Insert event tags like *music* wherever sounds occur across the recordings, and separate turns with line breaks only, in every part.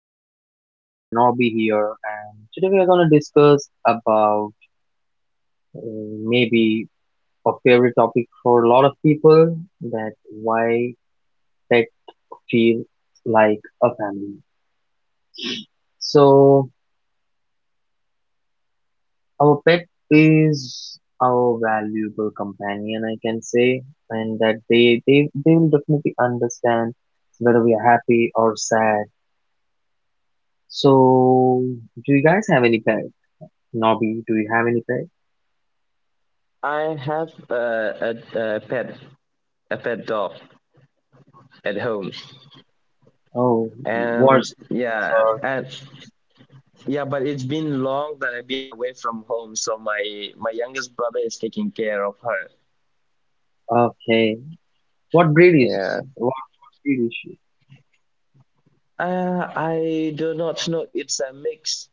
Vicky and Nobby, here. And today we are going to discuss about uh, maybe a favorite topic for a lot of people, that why pet feel like a family. So our pet is our valuable companion, I can say, and that they will definitely understand whether we are happy or sad. So, do you guys have any pet? Nobby, do you have any pet?
I have a pet dog at home,
Oh, oh,
and
what's
yeah, and yeah, but it's been long that I've been away from home, so my youngest brother is taking care of her.
or okay?
Yeah,
What breed is she?
I do not know. It's a mix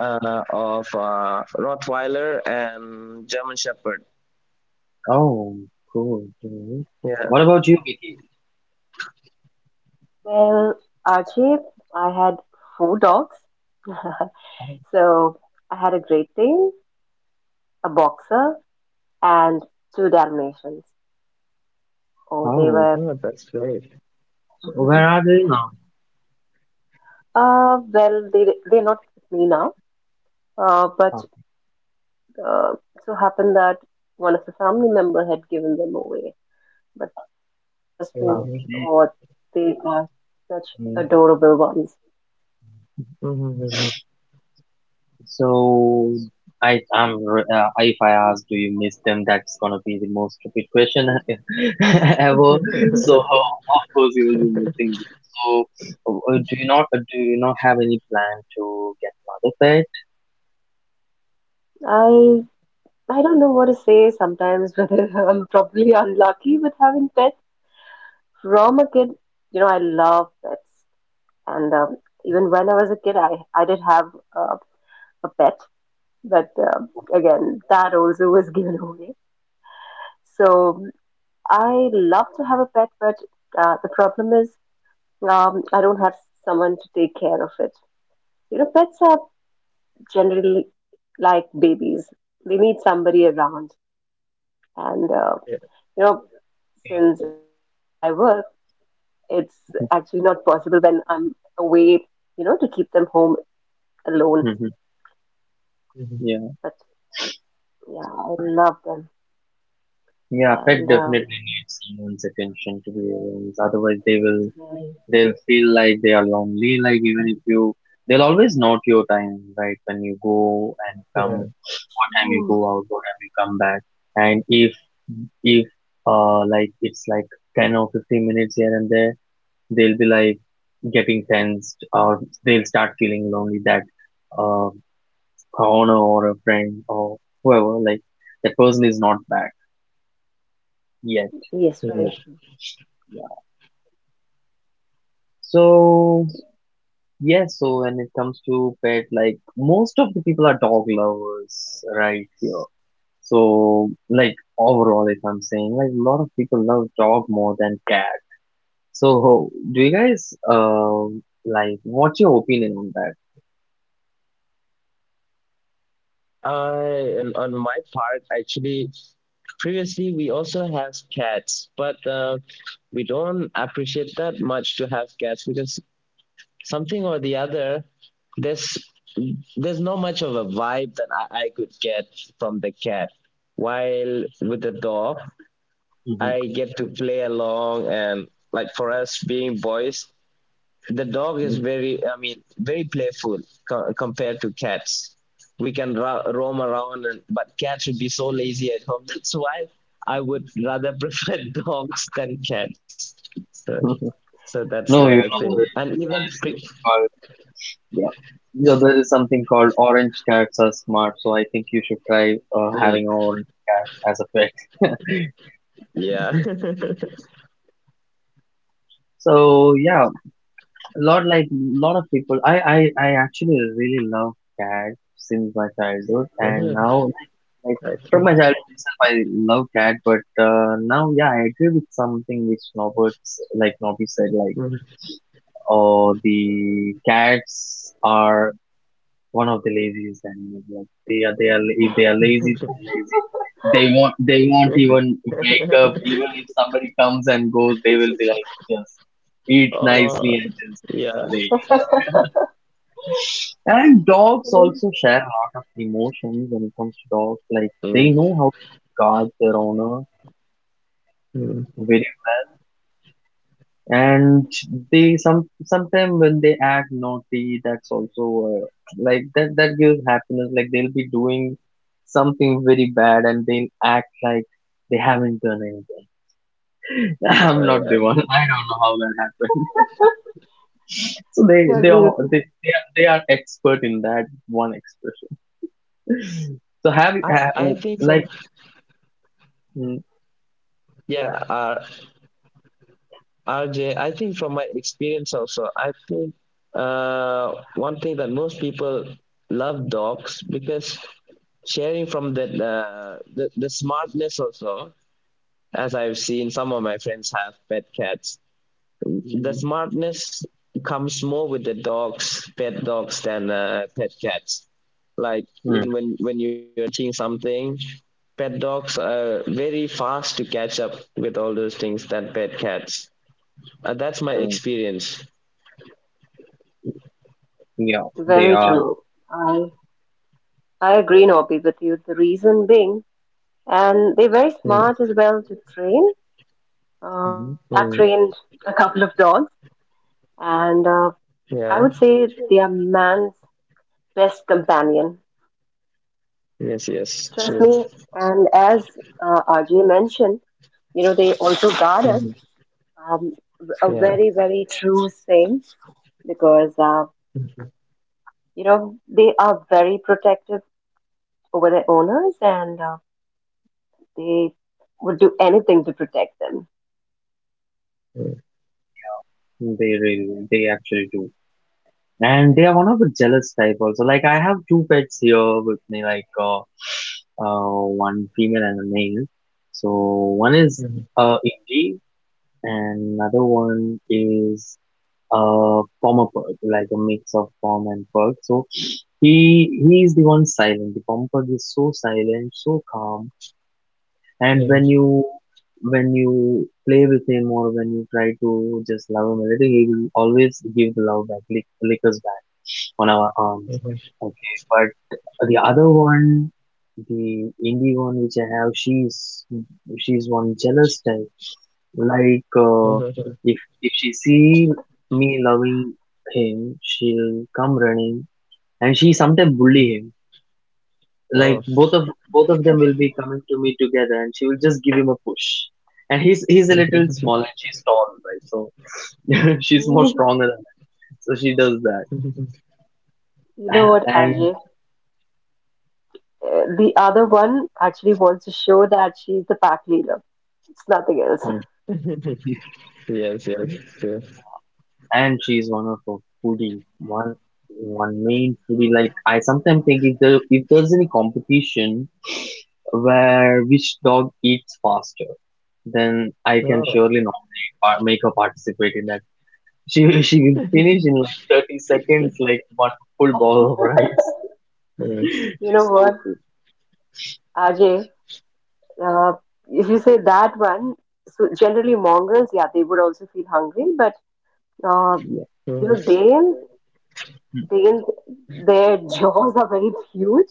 of Rottweiler and German Shepherd.
Oh, cool. Cool.
Yeah,
What about you, Vicky?
Well, Archie, I had four dogs. *laughs* So I had a Great Dane, a Boxer, and two Dalmatians. Oh, they
Oh,
oh,
were,
that's great.
so where
*laughs*
are they now?
well, they're not with me now. Uh, but
Oh,
uh, it so happened that one of the family member had given them away. But trust me, oh,
Mhm.
okay.
they are such adorable ones.
So if I ask do you miss them, that's gonna be the most stupid question *laughs* ever,
*laughs* Mhm.
so
*laughs*
of course you will be missing them. So do you not have any plan to get another pet?
I I don't know what to say sometimes *laughs* whether I'm probably unlucky with having pets. From a kid, you know, I love pets, and even when I was a kid, I did have uh, a pet, but again, that also was *laughs* given away. So I love to have a pet, but the problem is I don't have someone to take care of it. You know, pets are generally like babies; they need somebody around, and
Yeah.
you know, since I work, it's actually not possible when I'm away, to keep them home alone.
Hmm.
Mhm.
Yeah.
But yeah, I love them.
Yeah, pet
And
definitely needs someone's attention, to be honest, otherwise they will,
Very
they'll feel like they are lonely. Like even if you, they'll always note your time, right? When you go and come,
Yeah.
what time you
true.
go out, what time you come back. And if like, it's like 10 or 15 minutes here and there, they'll be like getting tensed, or they'll start feeling lonely that uh a owner or a friend or whoever, like that person is not back yet.
Yes, very
Mhm.
Yeah. So yes, so when it comes to pet, like most of the people are dog lovers right here. So like overall if I'm saying, like a lot of people love dog more than cat. So, do you guys like, what's your opinion on that?
I and on my part, actually, previously we also have cats, but we don't appreciate that much to have cats because something or the other, there's there's not much of a vibe that I could get from the cat. While with the dog,
Mhm.
I get to play along, and like, for us being boys, the dog is very, I mean, very playful compared to cats. We can roam around, but cats should be so lazy at home, that's why I would rather prefer *laughs* dogs than cats. So,
*laughs*
so that's
No,
the
you
thing,
know
true.
there is called. Yeah. So there is something called orange cats are smart. So I think you should try
Mm,
having an orange cat as a pet.
yeah. *laughs*
So yeah, a lot, like lot of people. I actually really love cats since my childhood, and
Mhm,
now like
okay.
from my childhood itself, I love cat. But now yeah, I agree with something which Norbert, like Nobby said, like,
Mm.
oh, the cats are one of the laziest animals. Like they are. If they are lazy, they're lazy. They won't. They won't even
*laughs*
wake up. Even if somebody comes and goes, they will be like just eat
Oh
nicely and just
yeah.
lay. And dogs also share a lot of emotions when it comes to dogs. Like they
Mm,
know how to guard their owner
mm.
very, and they some sometimes when they act naughty, that's also like that, that gives happiness. Like they'll be doing something very bad and they'll act like they haven't done anything. *laughs* I'm not
Oh
the one,
yeah.
I don't know how that happened. *laughs* So
You're
they
good.
all they are expert in that one expression. So have you
i
ha,
i
oh,
think from
like mm,
yeah, RJ, I think from my experience also, I think one thing that most people love dogs because, sharing from the, the smartness also, as I've seen some of my friends have pet cats, the
mm,
smartness comes more with the dogs, pet dogs, than pet cats. Like,
mm,
even when you're something, pet dogs are very fast to catch up with all those things than pet cats. That's my
mm,
experience.
yeah they
Very
are.
true. I I agree, Nobby, with you. The reason being, and they're very
Mm,
smart as well to train.
Mhm.
I've
mm,
trained a couple of dogs, and I
yeah,
would say they are man's best companion.
yes, yes.
Trust me. And as RJ mentioned, they also guard us. Um, a very, very true thing because, they are very protective over their owners and they would do anything to protect them. *laughs*
They really, they actually do. And they are one of the jealous type also. Like I have two pets here with me, like one female and a male. So one is indie, and another one is a former pug, like a mix of form and pug. So he he is the one silent, the former pug is so silent, so calm. And when you, when you play with him or when you try to just love him a little, he will always give the love back, lick us back on our arms. Okay, but the other one, the indie one which I have, she's one jealous type. Like if she see me loving him, she'll come running, and she sometimes bully him. Like both of them will be coming to me together, and she will just give him a push. And he's a little small, and she's tall, right? So *laughs* she's more
Mm.
stronger than that. So she does that,
You know
*laughs*
what,
and.
Ajay? The other one actually wants to show that she's the pack leader. It's nothing else.
*laughs* And she's one of a foodie one, one main foodie. Like I sometimes think, if there's any competition where which dog eats faster, then I can surely nominate, make her participate in that. *laughs* She will finish in like 30 seconds like one full ball
*laughs*
of rice. *laughs*
You know
She's
what,
so good.
Ajay? Uh, if you say that one, so generally Mongols, yeah, they would also feel hungry, but uh,
Yeah.
they.
Mm.
They, their *laughs* jaws are very huge,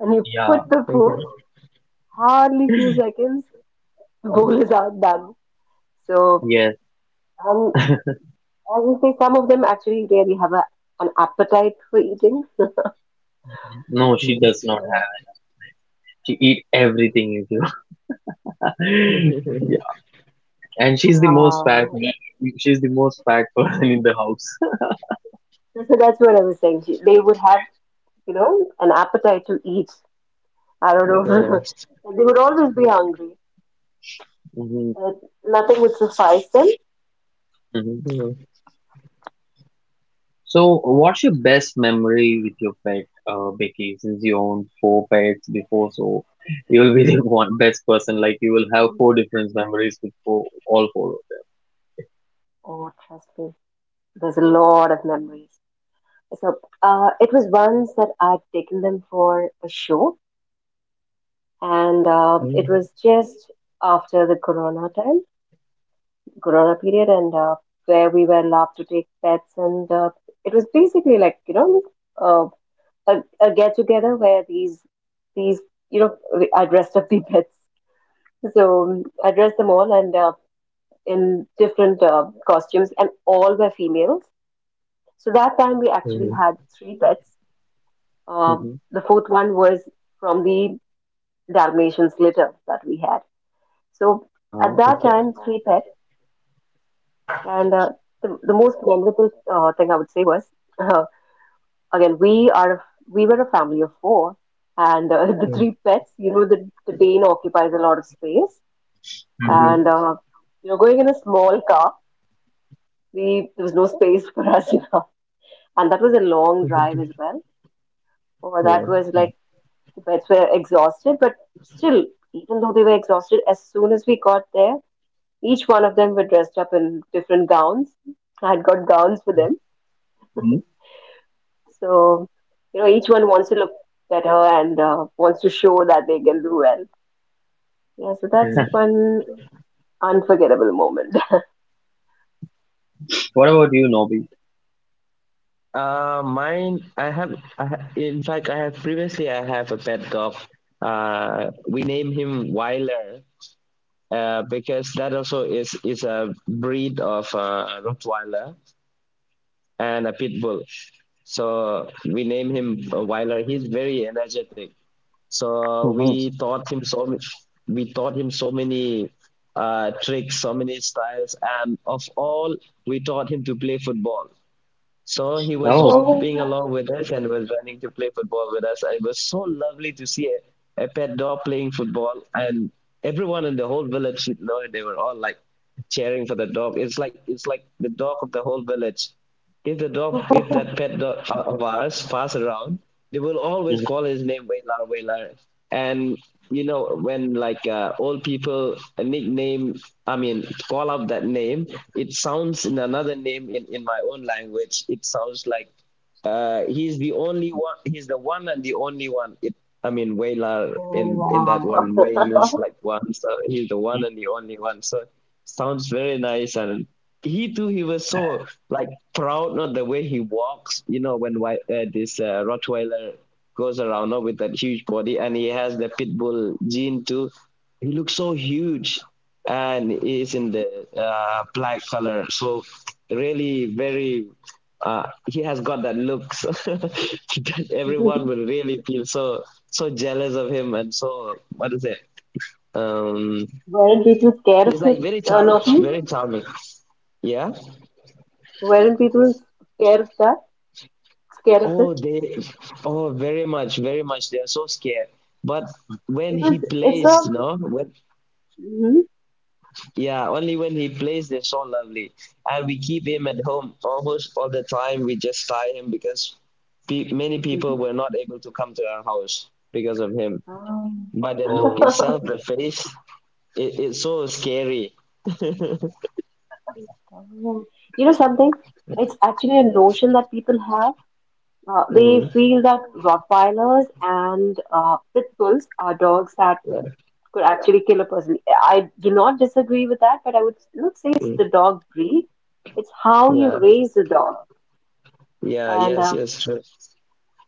and you
Yeah.
put the food, hardly few seconds, the
Mm.
bowl is out done. So,
Yes.
um, I will say some of them actually really have an appetite for eating. So,
*laughs* No, she does not have, she eat everything with you. *laughs* And she's the most fat.
um,
She's the most fat *laughs* person in the house. *laughs*
that's what I was saying. They would have, an appetite to eat. I don't
Yeah.
know. *laughs* They would always be hungry.
Hmm.
Uh, Nothing would suffice them.
Hmm. So, what's your best memory with your pet, Becky? Since you owned four pets before, so you'll be the *laughs* one best person. Like you will have four different memories with four, all four
Oh, trust me, there's a lot of memories. So it was once that I'd taken them for a show, and it was just after the Corona time, Corona period, and where we were allowed to take pets, and it was basically like uh, a, a get together where these I dressed up the *laughs* pets, so I dressed them all and in different costumes, and all were females. So that time we actually had three pets.
of them.
The fourth one was from the Dalmatian litter that we had. So
Mm-hmm. Uh-huh.
at that time, three pets, and the most memorable thing I would say was uh, again we were a family of four, and *laughs* the three pets. You know, the Dane occupies a lot of space,
Mm-hmm.
and going in a small car, we there was no space *laughs* for us, and that was a long drive as well. Or that was like. The pets were exhausted, but still, even though they were exhausted, as soon as we got there, each one of them were dressed up in different gowns. I had got gowns for them.
Hmm.
So, each one wants to look better and wants to show that they can do well. Yeah, so that's one unforgettable moment. *laughs*
What about you, Nobby? Mm-hmm. Oh.
Oh,
Mm-hmm.
oh, wow. *laughs* Weren't people scared of it, Nopi? Weren't people scared of that? Scared of it? Because it's a. Mhm. *laughs* Ah.
Oh.
*laughs* Um, You know something? It's actually a notion that people have. They feel that Rottweilers and pit bulls are dogs that could actually kill a person. I do not disagree with that, but I would not say it's the dog breed. It's how you raise the dog, and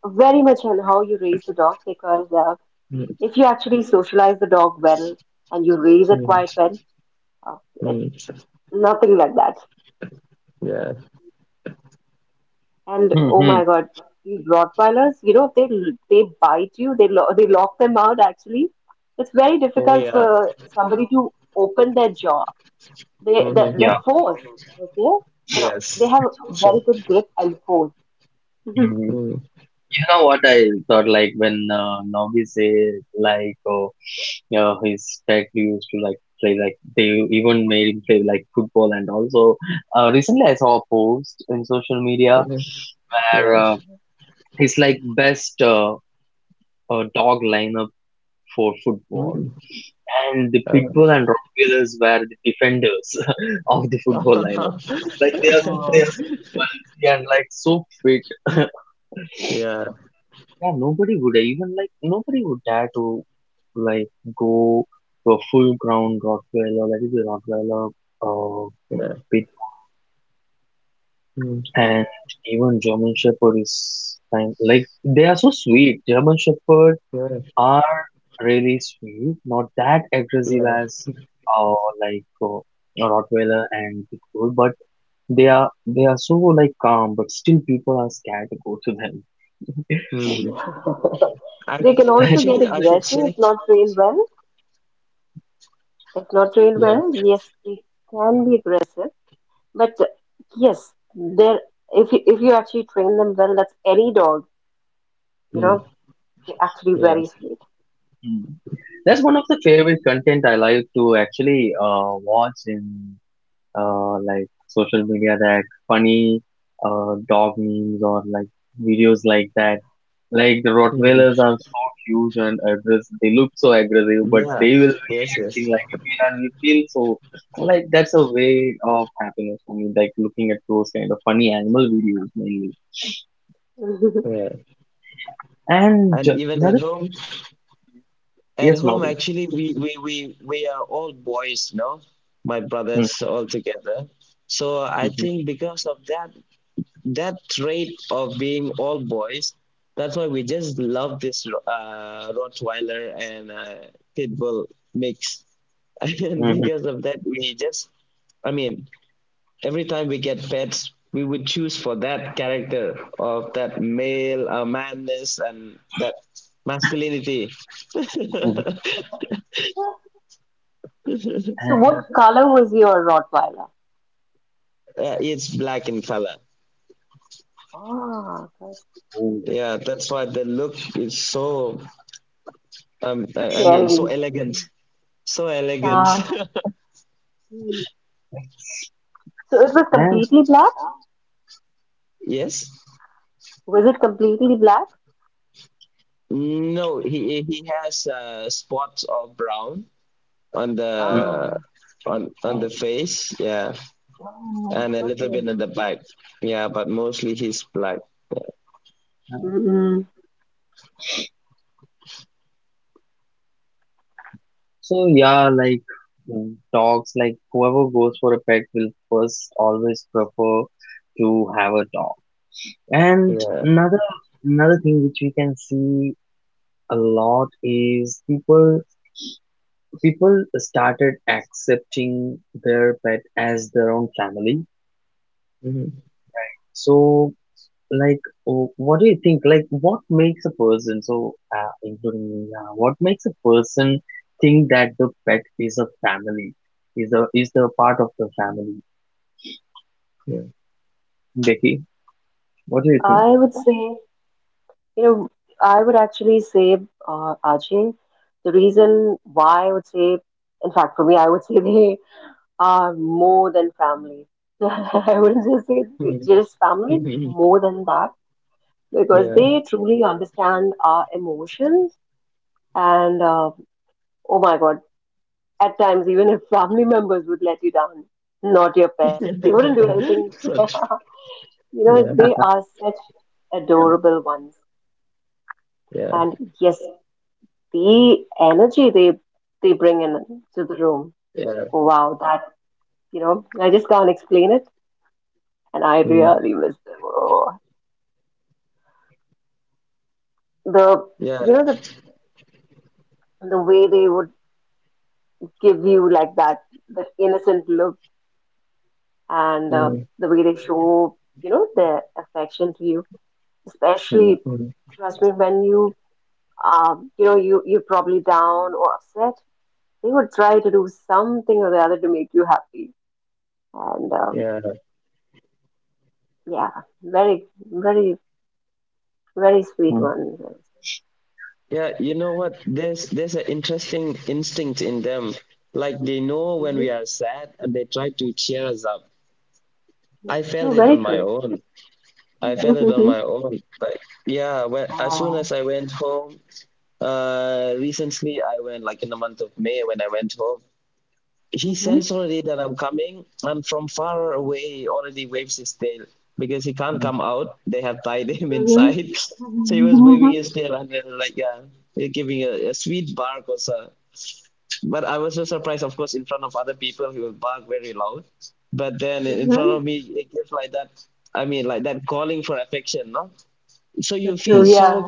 very much on how you raise the dog. Because if you actually socialize the dog well and you raise it quite well, uh, it, nothing like that. And oh
Mm-hmm.
my God, these Rottweilers, you know, they bite you, they lock them out actually. It's very difficult for somebody to open their jaw. They the their
Yeah.
force, okay? Can I, they have very good grip and force. *laughs*
Mm-hmm. You know what I thought, like when Nobby say like. Yeah, his dad used to like play, like they even made him play like football, and also recently I saw a post in social media where he's like best dog lineup for football, and the pitbull and rottweilers were the defenders *laughs* of the football lineup. Like they are so, they are
Oh.
so big and like so fit. *laughs* Yeah, nobody would even like, nobody would dare to like go to a full ground Rottweiler, let it be Rottweiler, uh, and even German Shepherd is kind, like they are so sweet. German Shepherd are really sweet, not that aggressive as uh, like uh, Rottweiler and Pit Bull, but they are, they are so like calm, but still people are scared to go to them.
*laughs* They can also
*laughs*
get aggressive if not trained well. If not trained well, yes, they can be aggressive. But yes, there if you actually train them well, that's any dog. You know, you're actually very
Hmm. That's one of the favorite content I like to actually watch in like social media, that funny dog memes or like videos like that. Like the Rottweilers are so huge and aggressive. They look so aggressive, but they will be acting like a kid, and we feel so like, that's a way of happiness for me. Like looking at those kind of funny animal videos mainly.
sweet. *laughs*
And ju- another yes, Nobby. Hmm. Hmm. Hmm. Hmm. Hmm, hmm.
So,
And,
what color was your Rottweiler? Ah, good.
oh,
Scary.
mhm.
Ah. Mm. So it was
And
completely black? Was it completely black?
mhm.
Ah.
Wow.
Oh,
Mhm.
okay. Mm-mm.
So yeah, like mm, dogs. Like whoever goes for a pet will first always prefer to have a dog. And another thing which we can see a lot is people started accepting their pet as their own family. So like, oh, what do you think, like what makes a person so including me, what makes a person think that the pet is a family, is a, is the part of the family, Becky, what do you think?
I would say, you know, I would actually say, Ajay, the reason why I would say, in fact, for me, I would say *laughs* they are more than family. *laughs* I wouldn't just say just family, more than that because they truly understand our emotions. And oh my God, at times, even if family members would let you down, not your pets, they wouldn't do anything. *laughs* You know, they are such
Yeah.
adorable ones. And yes, the energy they bring in to the room. Wow, I just can't explain it. And I really miss them. Oh, the you know the the way they would give you like that innocent look and the way they show, their affection to you,
Hmm,
especially, trust me, when you, you know, you you're probably down or upset, they would try to do something or the other to make you happy. And yeah, very, very, very sweet
hmm,
one. Hmm. True, very true. *laughs* Wow. Mm-hmm.
hmm,
Mm-hmm. Mm-hmm. Mm-hmm. Mm-hmm. True,
hmm,
yeah.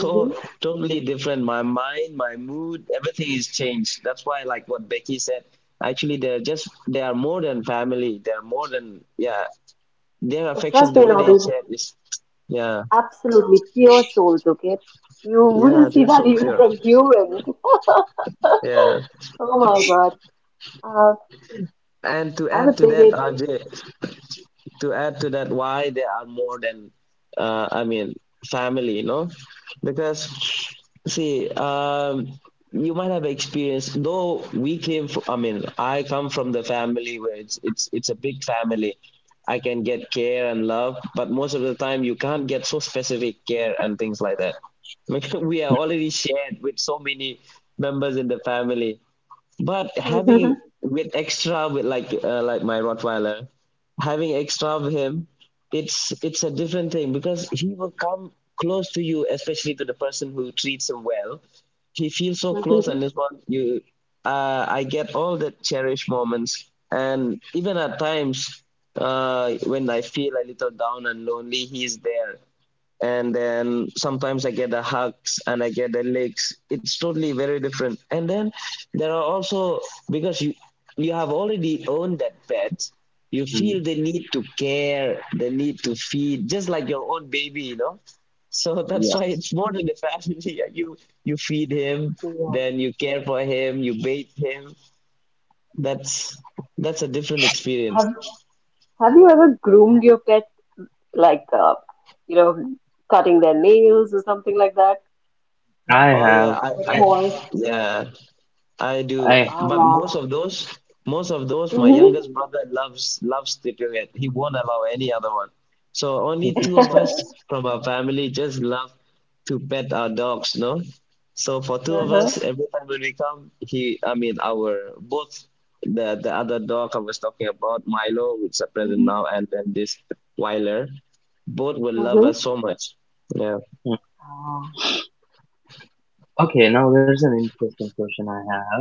Mm-hmm. Trust me, Nobby, absolutely pure souls, okay? You wouldn't see that even from humans. *laughs* Oh my God. Uh, I would say that. *laughs* Mhm, mhm.
hmm. Yeah.
Yeah. Have Have you ever groomed your pet, like you know, cutting their nails or something like that?
I have,
The toys.
I
Ah. Mm-hmm.
*laughs*
*laughs*
Mm.
Uh-huh. Mm-hmm. Mm-hmm. Ah.
Okay, now there's an interesting question I have.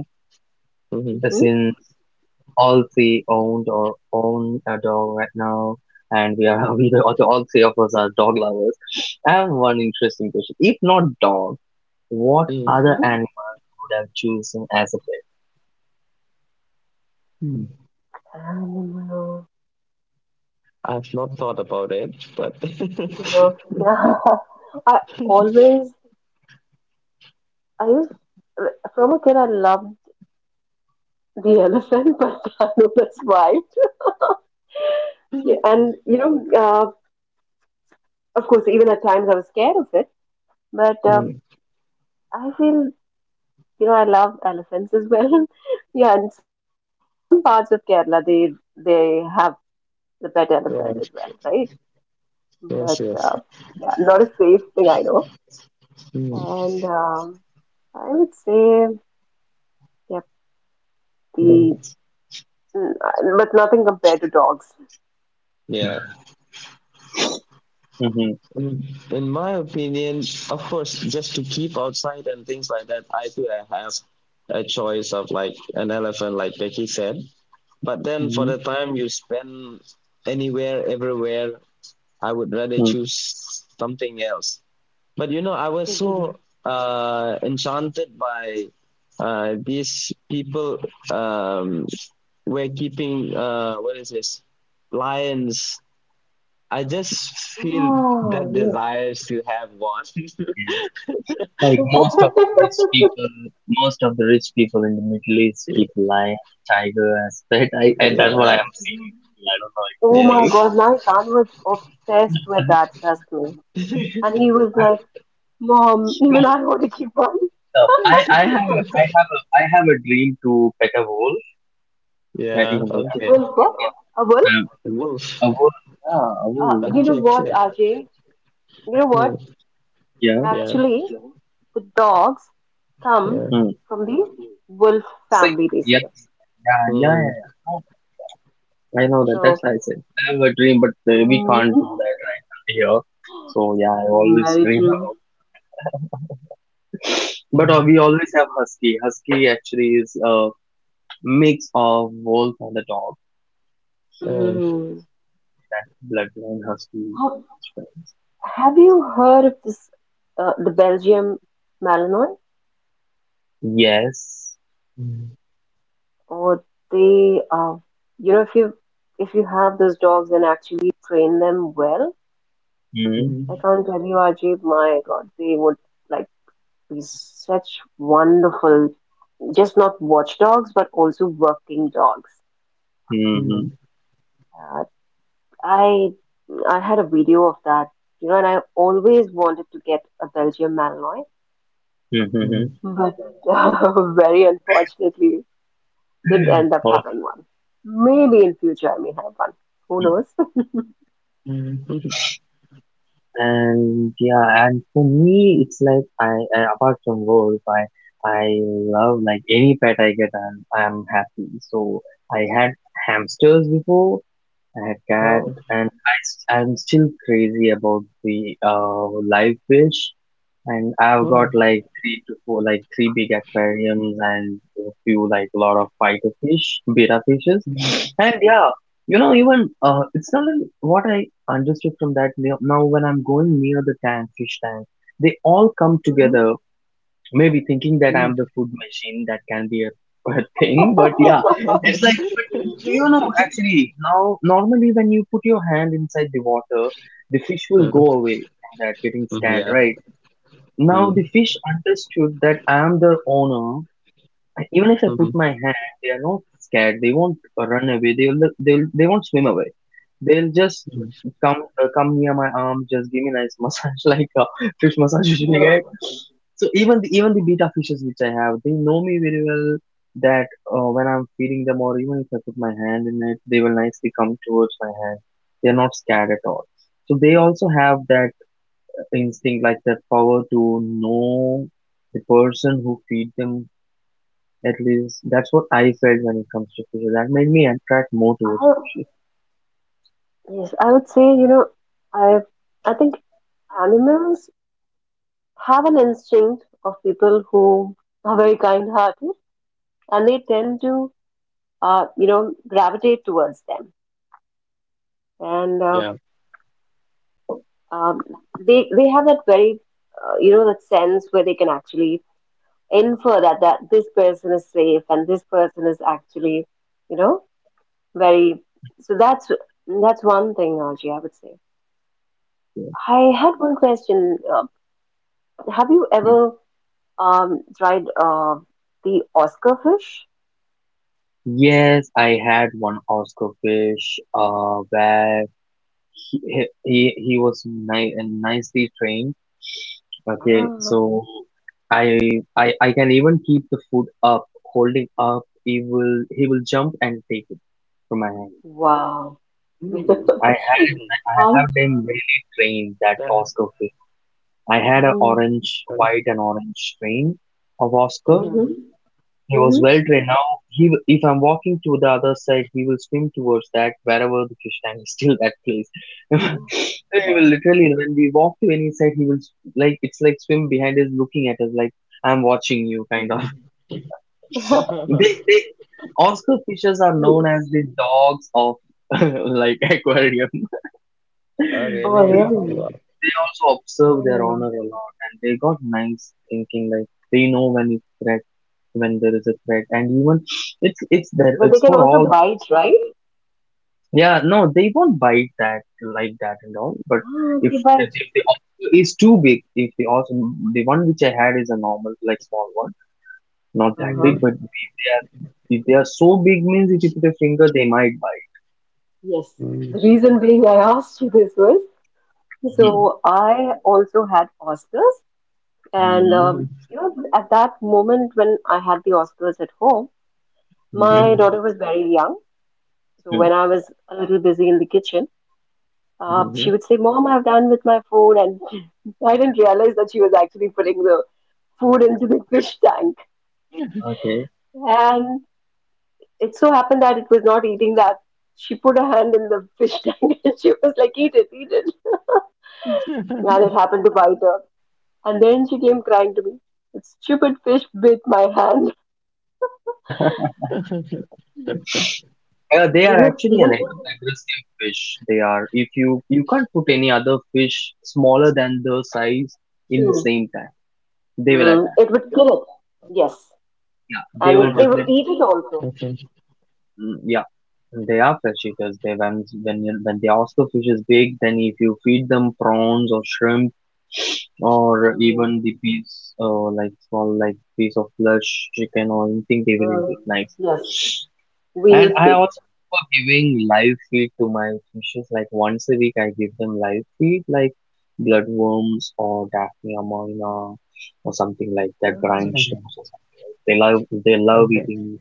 Mm-hmm.
Since all three owned or own a dog right now, and we are *laughs* all three of us are dog lovers, I have one interesting question. If not dog, what other
Mm-hmm.
animal would have chosen as a pet?
Animal. You know. *laughs* I always I used from a kid I loved the elephant, *laughs* but I know that's why. Yeah, and of course, even at times I was scared of it, but I feel I love elephants as well. *laughs* Yeah, in some parts of Kerala they have the pet elephant as well, right? But yeah, not a safe thing I know, and I would say yep, the but nothing compared to dogs.
*laughs* Mm-hmm. Hmm.
*laughs* Oh, yes.
Like most of the
*laughs*
rich people, most of the rich people in the Middle East keep lion, tiger as pet. I that's what I am seeing. I don't know
Oh my
exactly.
god, my son was obsessed with that, trust me. And he was like, "Mom, even I want to keep one."
I have a, I have a dream to pet a wolf. Even though
Well,
I'm
what? Well,
not a wolf, uh, a wolf,
you know what, Ajay? You know what?
yeah, a wolf,
Actually, the dogs come
yeah. Hmm.
from the wolf
Sick,
family, they
yeah,
say.
yeah, yeah, yeah. yeah. Oh, I know that. That's
So,
why I said I have a dream, but we can't
mm,
do that right here. So yeah, I always
very
dream
true.
about. But we always have husky. Husky actually is a mix of wolf and a dog.
Mm.
Bloodline husky.
Have have you heard of this, the Belgium Malinois?
Yes.
Or they you know if you if you have those dogs and actually train them well,
Mm-hmm.
I can't tell you, Ajib, my God, they would like be such wonderful, just not watchdogs but also working dogs.
Mm-hmm.
uh, i I had a video of that, and I always wanted to get a Belgian Malinois.
Mm-hmm.
But *laughs* very unfortunately didn't end up having one. Maybe in future I may have one. Who
And yeah, and for me, it's like I apart from wolf, I love like any pet I get, I'm happy. So I had hamsters before, I had cat, and I'm still crazy about the live fish. And I've got like three to four, like three big aquariums, and a few, like a lot of fighter fish, beta fishes. And yeah, you know, even it's not like what I understood from that. Now when I'm going near the tank, fish tank, they all come
knows? *laughs*
together. Maybe thinking that I'm the food machine, that can be a *laughs* a thing, but yeah, it's like. But,
No,
you know, actually, now normally when you put your hand inside the water, the fish will go away from that, getting scared, right? Now the fish understood that I am their owner, and even if I put my hand, they are not scared. They won't run away. They won't swim away. They'll just come, come near my arm, just give me nice massage *laughs* like a fish massage usually get. So even the beta fishes which I have, they know me very well. That When I'm feeding them, or even if I put my hand in it, they will nicely come towards my hand. They're not scared at all. So they also have that instinct like that power to know the person who feed them, at least that's what I felt when it comes to fishes, that made me attract more towards
I,
fishes.
yes, I would say, I I think animals have an instinct of people who are very kind-hearted, and they tend to, you know, gravitate towards them. And um, they have that very, that sense where they can actually infer that this person is safe and this person is actually, you know, very. So that's one thing, Naji, I would say.
Yeah.
I had one question. Have you ever tried the Oscar fish?
Yes, I had one Oscar fish where he was ni- and nicely trained. Okay,
Ah,
so I can even keep the food up, holding up. He will jump and take it from my hand.
wow.
Mm,
*laughs*
I I
Um,
have them really
that
trained, that Oscar fish. I had an
mm,
is.
orange, white and orange strain of Oscar.
mhm,
He was
mhm.
well trained. Now, if I'm walking to the other side, he will swim towards that, wherever the fish tank is, still that place. *laughs* He will literally, when we walk to any side, like it's like swim behind us, looking at us like I'm watching you, kind of.
*laughs*
*laughs*
*laughs* they, they, Oscar fishes are known as the dogs of *laughs* like aquarium.
Oh, really?
Oh,
*laughs*
Wow.
really?
Also observe their owner
Ah.
a lot, and they got nice thinking. Like they know when it's threat, when there is a threat, and even it's there
But they
it's
can
for
also
all.
bite, right?
Yeah, no, they won't bite that, like that and all, but
Ah,
if
they bite.
if the offer is too big, if the also, the one which I had is a normal like small one,
Mm,
not that big.
Uh-huh.
But if they are, if they are so big means, if you put a finger they might bite.
mm,
Yes. The reason being I asked you this was, so I also had Oscars.
mhm,
And
Mm-hmm.
at that moment when I had the Oscars at home,
mhm.
Mm-hmm.
my daughter was very young. So when I was a little busy in the kitchen,
Mm-hmm.
she would say, "Mom, I've done with my food," and *laughs* I didn't realize that she was actually putting the food into the fish tank.
Okay.
And it so happened that it was not eating that. She put her hand in the fish *laughs* tank and she was like, eat it," and it happened to bite her. And then she came crying to me, "That stupid fish bit my hand."
*laughs*
*laughs*
They are
*laughs*
actually
Even
an aggressive fish. They are. If you, you can't put any other fish smaller than the size in the
true.
same tank. They will
Mm,
attack.
it would kill it. Yes.
Yeah,
Oh,
they will
And they would
definitely.
eat it
okay.
also.
Mm, yeah, they are flesh eaters. They when you, when the Oscar fish is big, then if you feed them prawns or shrimp, or
Mm,
even the piece like small like piece of flesh, chicken or anything, they will eat
mm,
it. Nice.
yes. We
And
used
I
to.
also prefer giving live feed to my fishes. Like once a week, I give them live feed like bloodworms or Daphnia minor or something like that, brine
Mhm.
Mm,
shrimps or something. They love
okay.
eating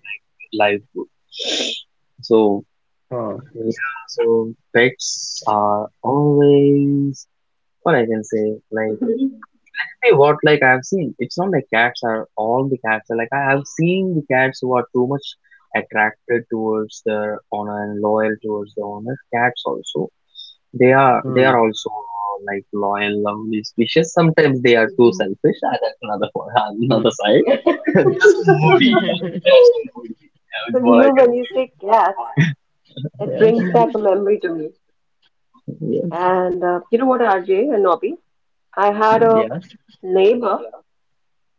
live food. So
Oh,
yeah, so pets are always, what I can say, like
Mhm.
hey what, like I've seen it's not like cats are all, the cats are, like I have seen the cats who are too much attracted towards their owner and loyal towards the owner. Cats also. They are they
hmm.
are also like loyal, lovely species. Sometimes they are too selfish. Ah, that's another one, *laughs* another
Hmm.
side. *laughs* They are so moody.
*laughs*
Yeah. They
*laughs*
are so moody. Yeah,
so,
is
you
what I
know, when you say cat, it
Yes.
brings back a memory to me.
can.
And you know what, RJ and Nobby? I had a
Yes.
neighbor.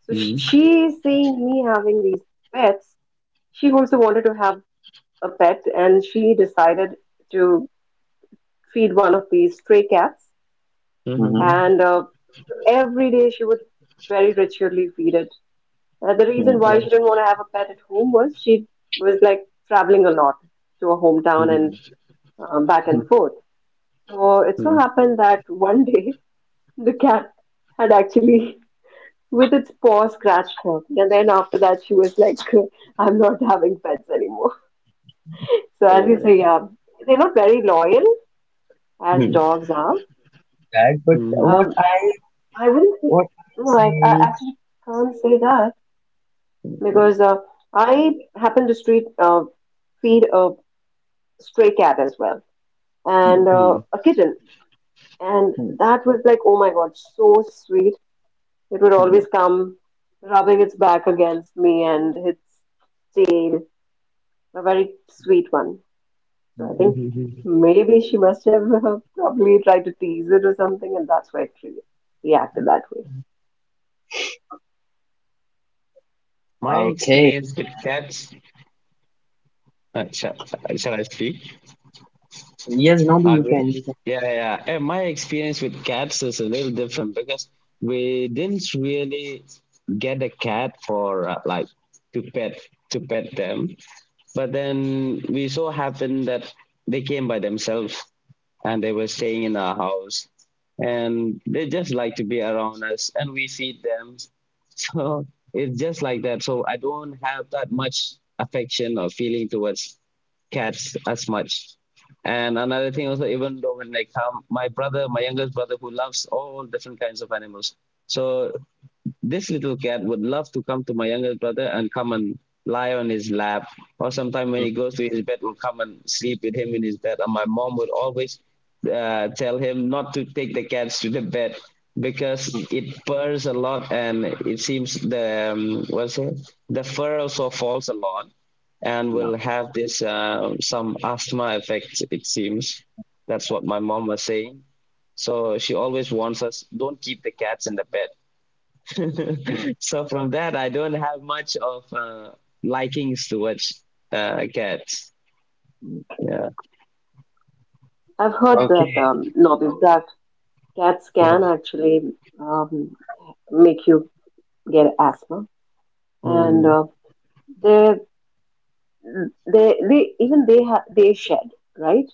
So sh-
Mm,
she, seeing me having these pets, she also wanted to have a pet and she decided to feed one of these stray cats.
Yeah.
mhm,
And Every day she was very ritually feed it. The reason
Hmm,
why she
yes,
didn't want to have a pet at home was she was like traveling a lot to her hometown and
mm,
back and
hmm,
forth. So it so
mm.
happened that one day *laughs* the cat had actually, with its paw, scratched her. And then after that, she was like, *laughs* I'm not having pets anymore. *laughs* So as you
Oh.
say, yeah, they're not very loyal as
Mm,
hmm.
dogs are.
That, but
mhm,
what
Um,
I,
I wouldn't say,
what I
no, I
say is,
actually can't say that,
yeah,
because I happen to street feed a stray cat as well and
hmm,
mm,
a kitten, and
hmm,
that was like, oh my God, so sweet. It would
hmm, yeah,
always come rubbing its back against me and its tail, a very sweet one. So I
hmm.
think
mhm.
maybe she must have probably tried to tease it or something, and that's why it reacted that way.
My
Okay.
experience with cats. Uh, shall, shall I speak?
Yes, now you
Okay.
can, you can,
Yeah, yeah. And my experience with cats is a little different, because we didn't really get a cat for, like, to pet to pet them, but then we so happened that they came by themselves, and they were staying in our house, and they just like to be around us, and we feed them. *laughs* So it's just like that, so I don't have that much affection or feeling towards cats as much. And another thing also, even though when they come, my youngest brother who loves all different kinds of animals, so this little cat would love to come to my youngest brother and come and lie on his lap, or sometimes when
hmm,
he goes to his bed, will come and sleep with him in his bed. And my mom would always tell him not to take the cats to the bed, because
hmm,
it purrs a lot, and it seems the, what's it, the fur also falls a lot, and
yeah.
will have this, some asthma effect, it seems. That's what my mom was saying. So she always warns us, don't keep the cats in the bed.
Hmm,
*laughs* So from that, I don't have much of likings towards cats.
hmm.
Yeah,
I've heard that
Okay.
Nobby, that cats can
yeah,
actually um, make you get asthma, and
mm,
they they shed, right,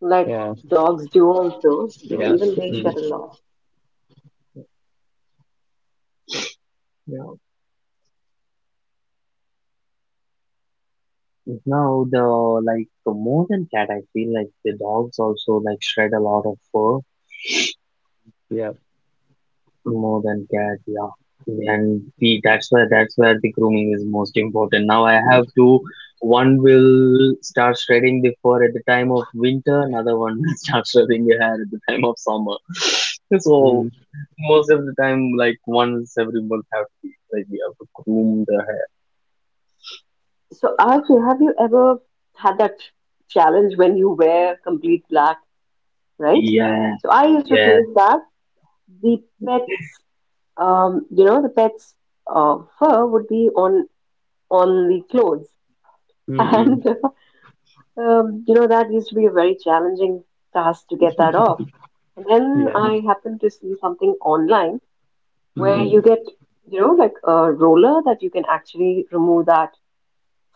like
yeah,
dogs do also, so
yeah,
even they shed
mm,
a lot.
Yeah. Now the, like the more than cat, I feel like the dogs also like shred a lot of fur.
yeah,
More than cat, yeah. And see, that's where, that's where the grooming is most important. Now I
mm,
have two. One will start shredding the fur at the time of winter. Another one will *laughs* start shredding the hair at the time of summer. *laughs* So
mm,
most of the time, like once every month, have to be, like we have to groom the
So actually, have you ever had that challenge when you wear complete black? Right,
hair.
so I used to
Yeah,
face that. The pets, um you know the pets fur would be on the clothes,
mm,
*laughs*
mm,
and that used to be a very challenging task to get that off. And then
yeah,
I happened to see something online where
yeah.
you
mm,
get, you know, like a roller that you can actually remove that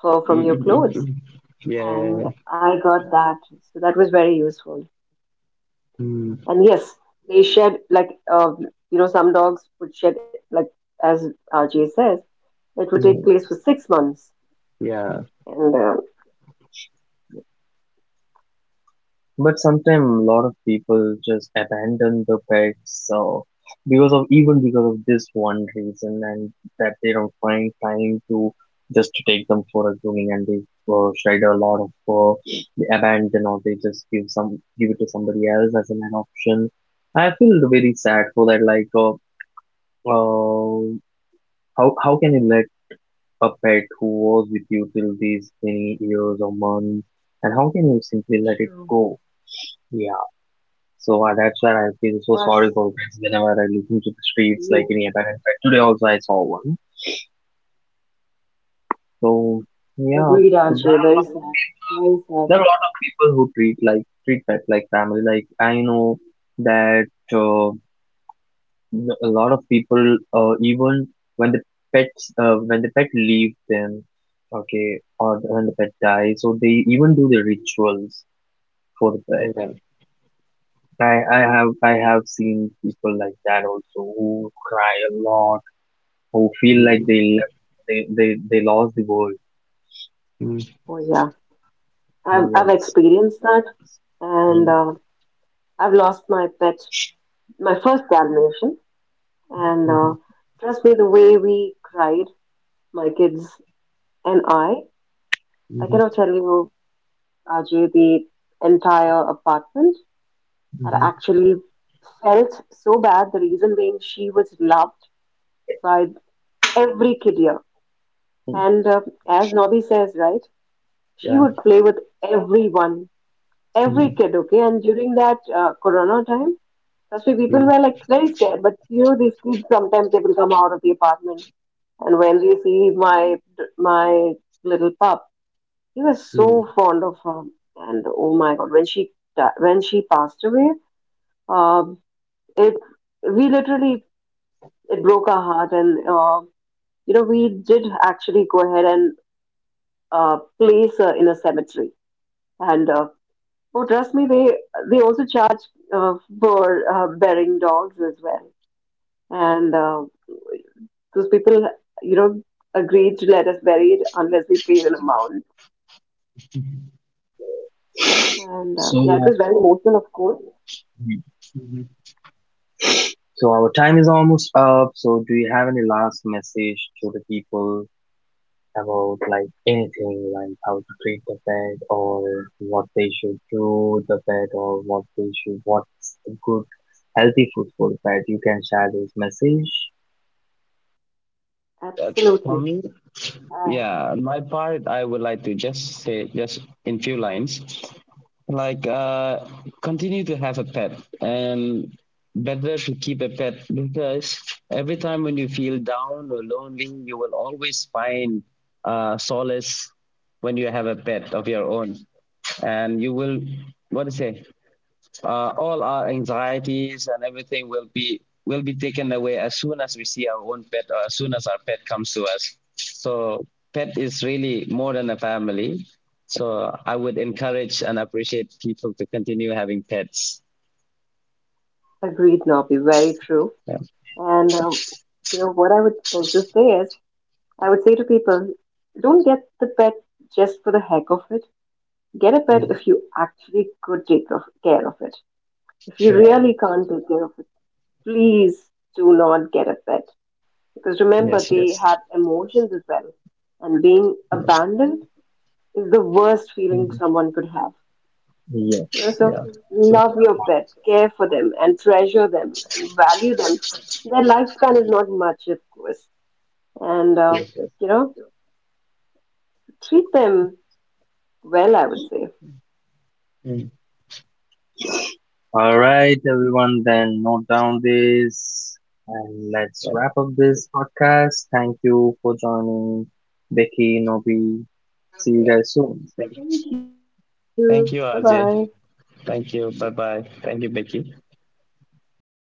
fur
mm,
from your
mm, mm,
clothes.
mm. Yeah, yeah, yeah,
And I got that. So that was very useful.
mm,
And yes, they shed, like, you know, some dogs would shed, like, as RJ says, it would
mm,
take place for six months.
yeah,
And
But sometimes a lot of people just abandon the pets, so because of even because of this one reason, and that they don't find time to just to take them for a grooming, and they shed a lot of they abandon, or they just give some, give it to somebody else as an option. I feel very sad for that. Like, uh, how can you let a pet who was with you till these many years or months, and how can you simply
True.
let it go? Yeah. So that's where I feel so
But
sorry for pets whenever I look into the streets,
yeah,
like any abandoned pet. Today also I saw one. So yeah,
agreed,
so there,
RJ, very sad, very sad.
there are a lot of people who treat like, treat pets like family. Like I know that uh, a lot of people even when the pets when the pet leaves them, okay, or when the pet dies, so they even do the rituals for the pet.
oh yeah,
I have, I have seen people like that also, who cry a lot, who feel like
mm,
they left, they lost the world.
mm,
Oh yeah, I've
Yes.
experienced that, and
Mm.
I've lost my pet, my first Dalmatian. And
mhm,
Trust me, the way we cried, my kids and I
mhm,
cannot tell you, Ajay, the entire apartment had
mhm,
actually felt so bad. The reason being she was loved by every kid here.
Mm.
And As Nobby says, right, she
yeah,
would play with everyone, every
mm,
kid, okay? And during that corona time, trust me,
mm,
people
mm,
were like very scared. But you know, these kids sometimes they will come out of the apartment. And when you see my my little pup, he was
mhm,
so fond of her. And oh my God, when when she passed away, um, it we literally, it broke our heart. And You know, we did actually go ahead and place her in a cemetery. And Oh, trust me, they also charge uh, for burying dogs as well. And Those people, you know, agreed to let us bury it unless we paid an amount. And Yeah, it was very
So,
emotional, of course.
mhm.
so our time is almost up. So do you have any last message to the people about like anything, like how to treat the pet, or what they should do with the pet, or what they should, what's a good healthy food for the pet? You can share this message.
Uh, For
Absolutely.
me,
I
yeah, on my part, I would like to just say, just in few lines, like, continue to have a pet, and better to keep a pet, because every time when you feel down or lonely, you will always find solace when you have a pet of your own. And you will, what to say, all our anxieties and everything will be, taken away as soon as we see our own pet, or as soon as our pet comes to us. So pet is really more than a family, so I would encourage and appreciate people to continue having pets.
agreed, Nobby. Very true.
Yeah.
And You know what I would also say is, I would say to people, don't get the pet just for the heck of it. Get a pet
Mm,
if you actually could take of, care of it. If you
yeah.
really can't take care of it, please do not get a pet. Because remember,
Yes,
they
yes.
have emotions as well. And being
Mm,
abandoned is the worst feeling
mm,
someone could have. You know,
Yes.
so
yeah. So
love your pets, care for them, and treasure them and value them. Their lifespan is not much, of course, and
yes, yes.
you know, treat them well, I would say.
Mm,
All right, everyone, then note down this and let's
yeah,
wrap up this podcast. Thank you for joining, Becky, Nobi. See you
yeah.
guys soon.
Thank you.
Thank you.
Thank you,
Bye
RJ.
bye.
Thank you. Bye bye. Thank you, Becky.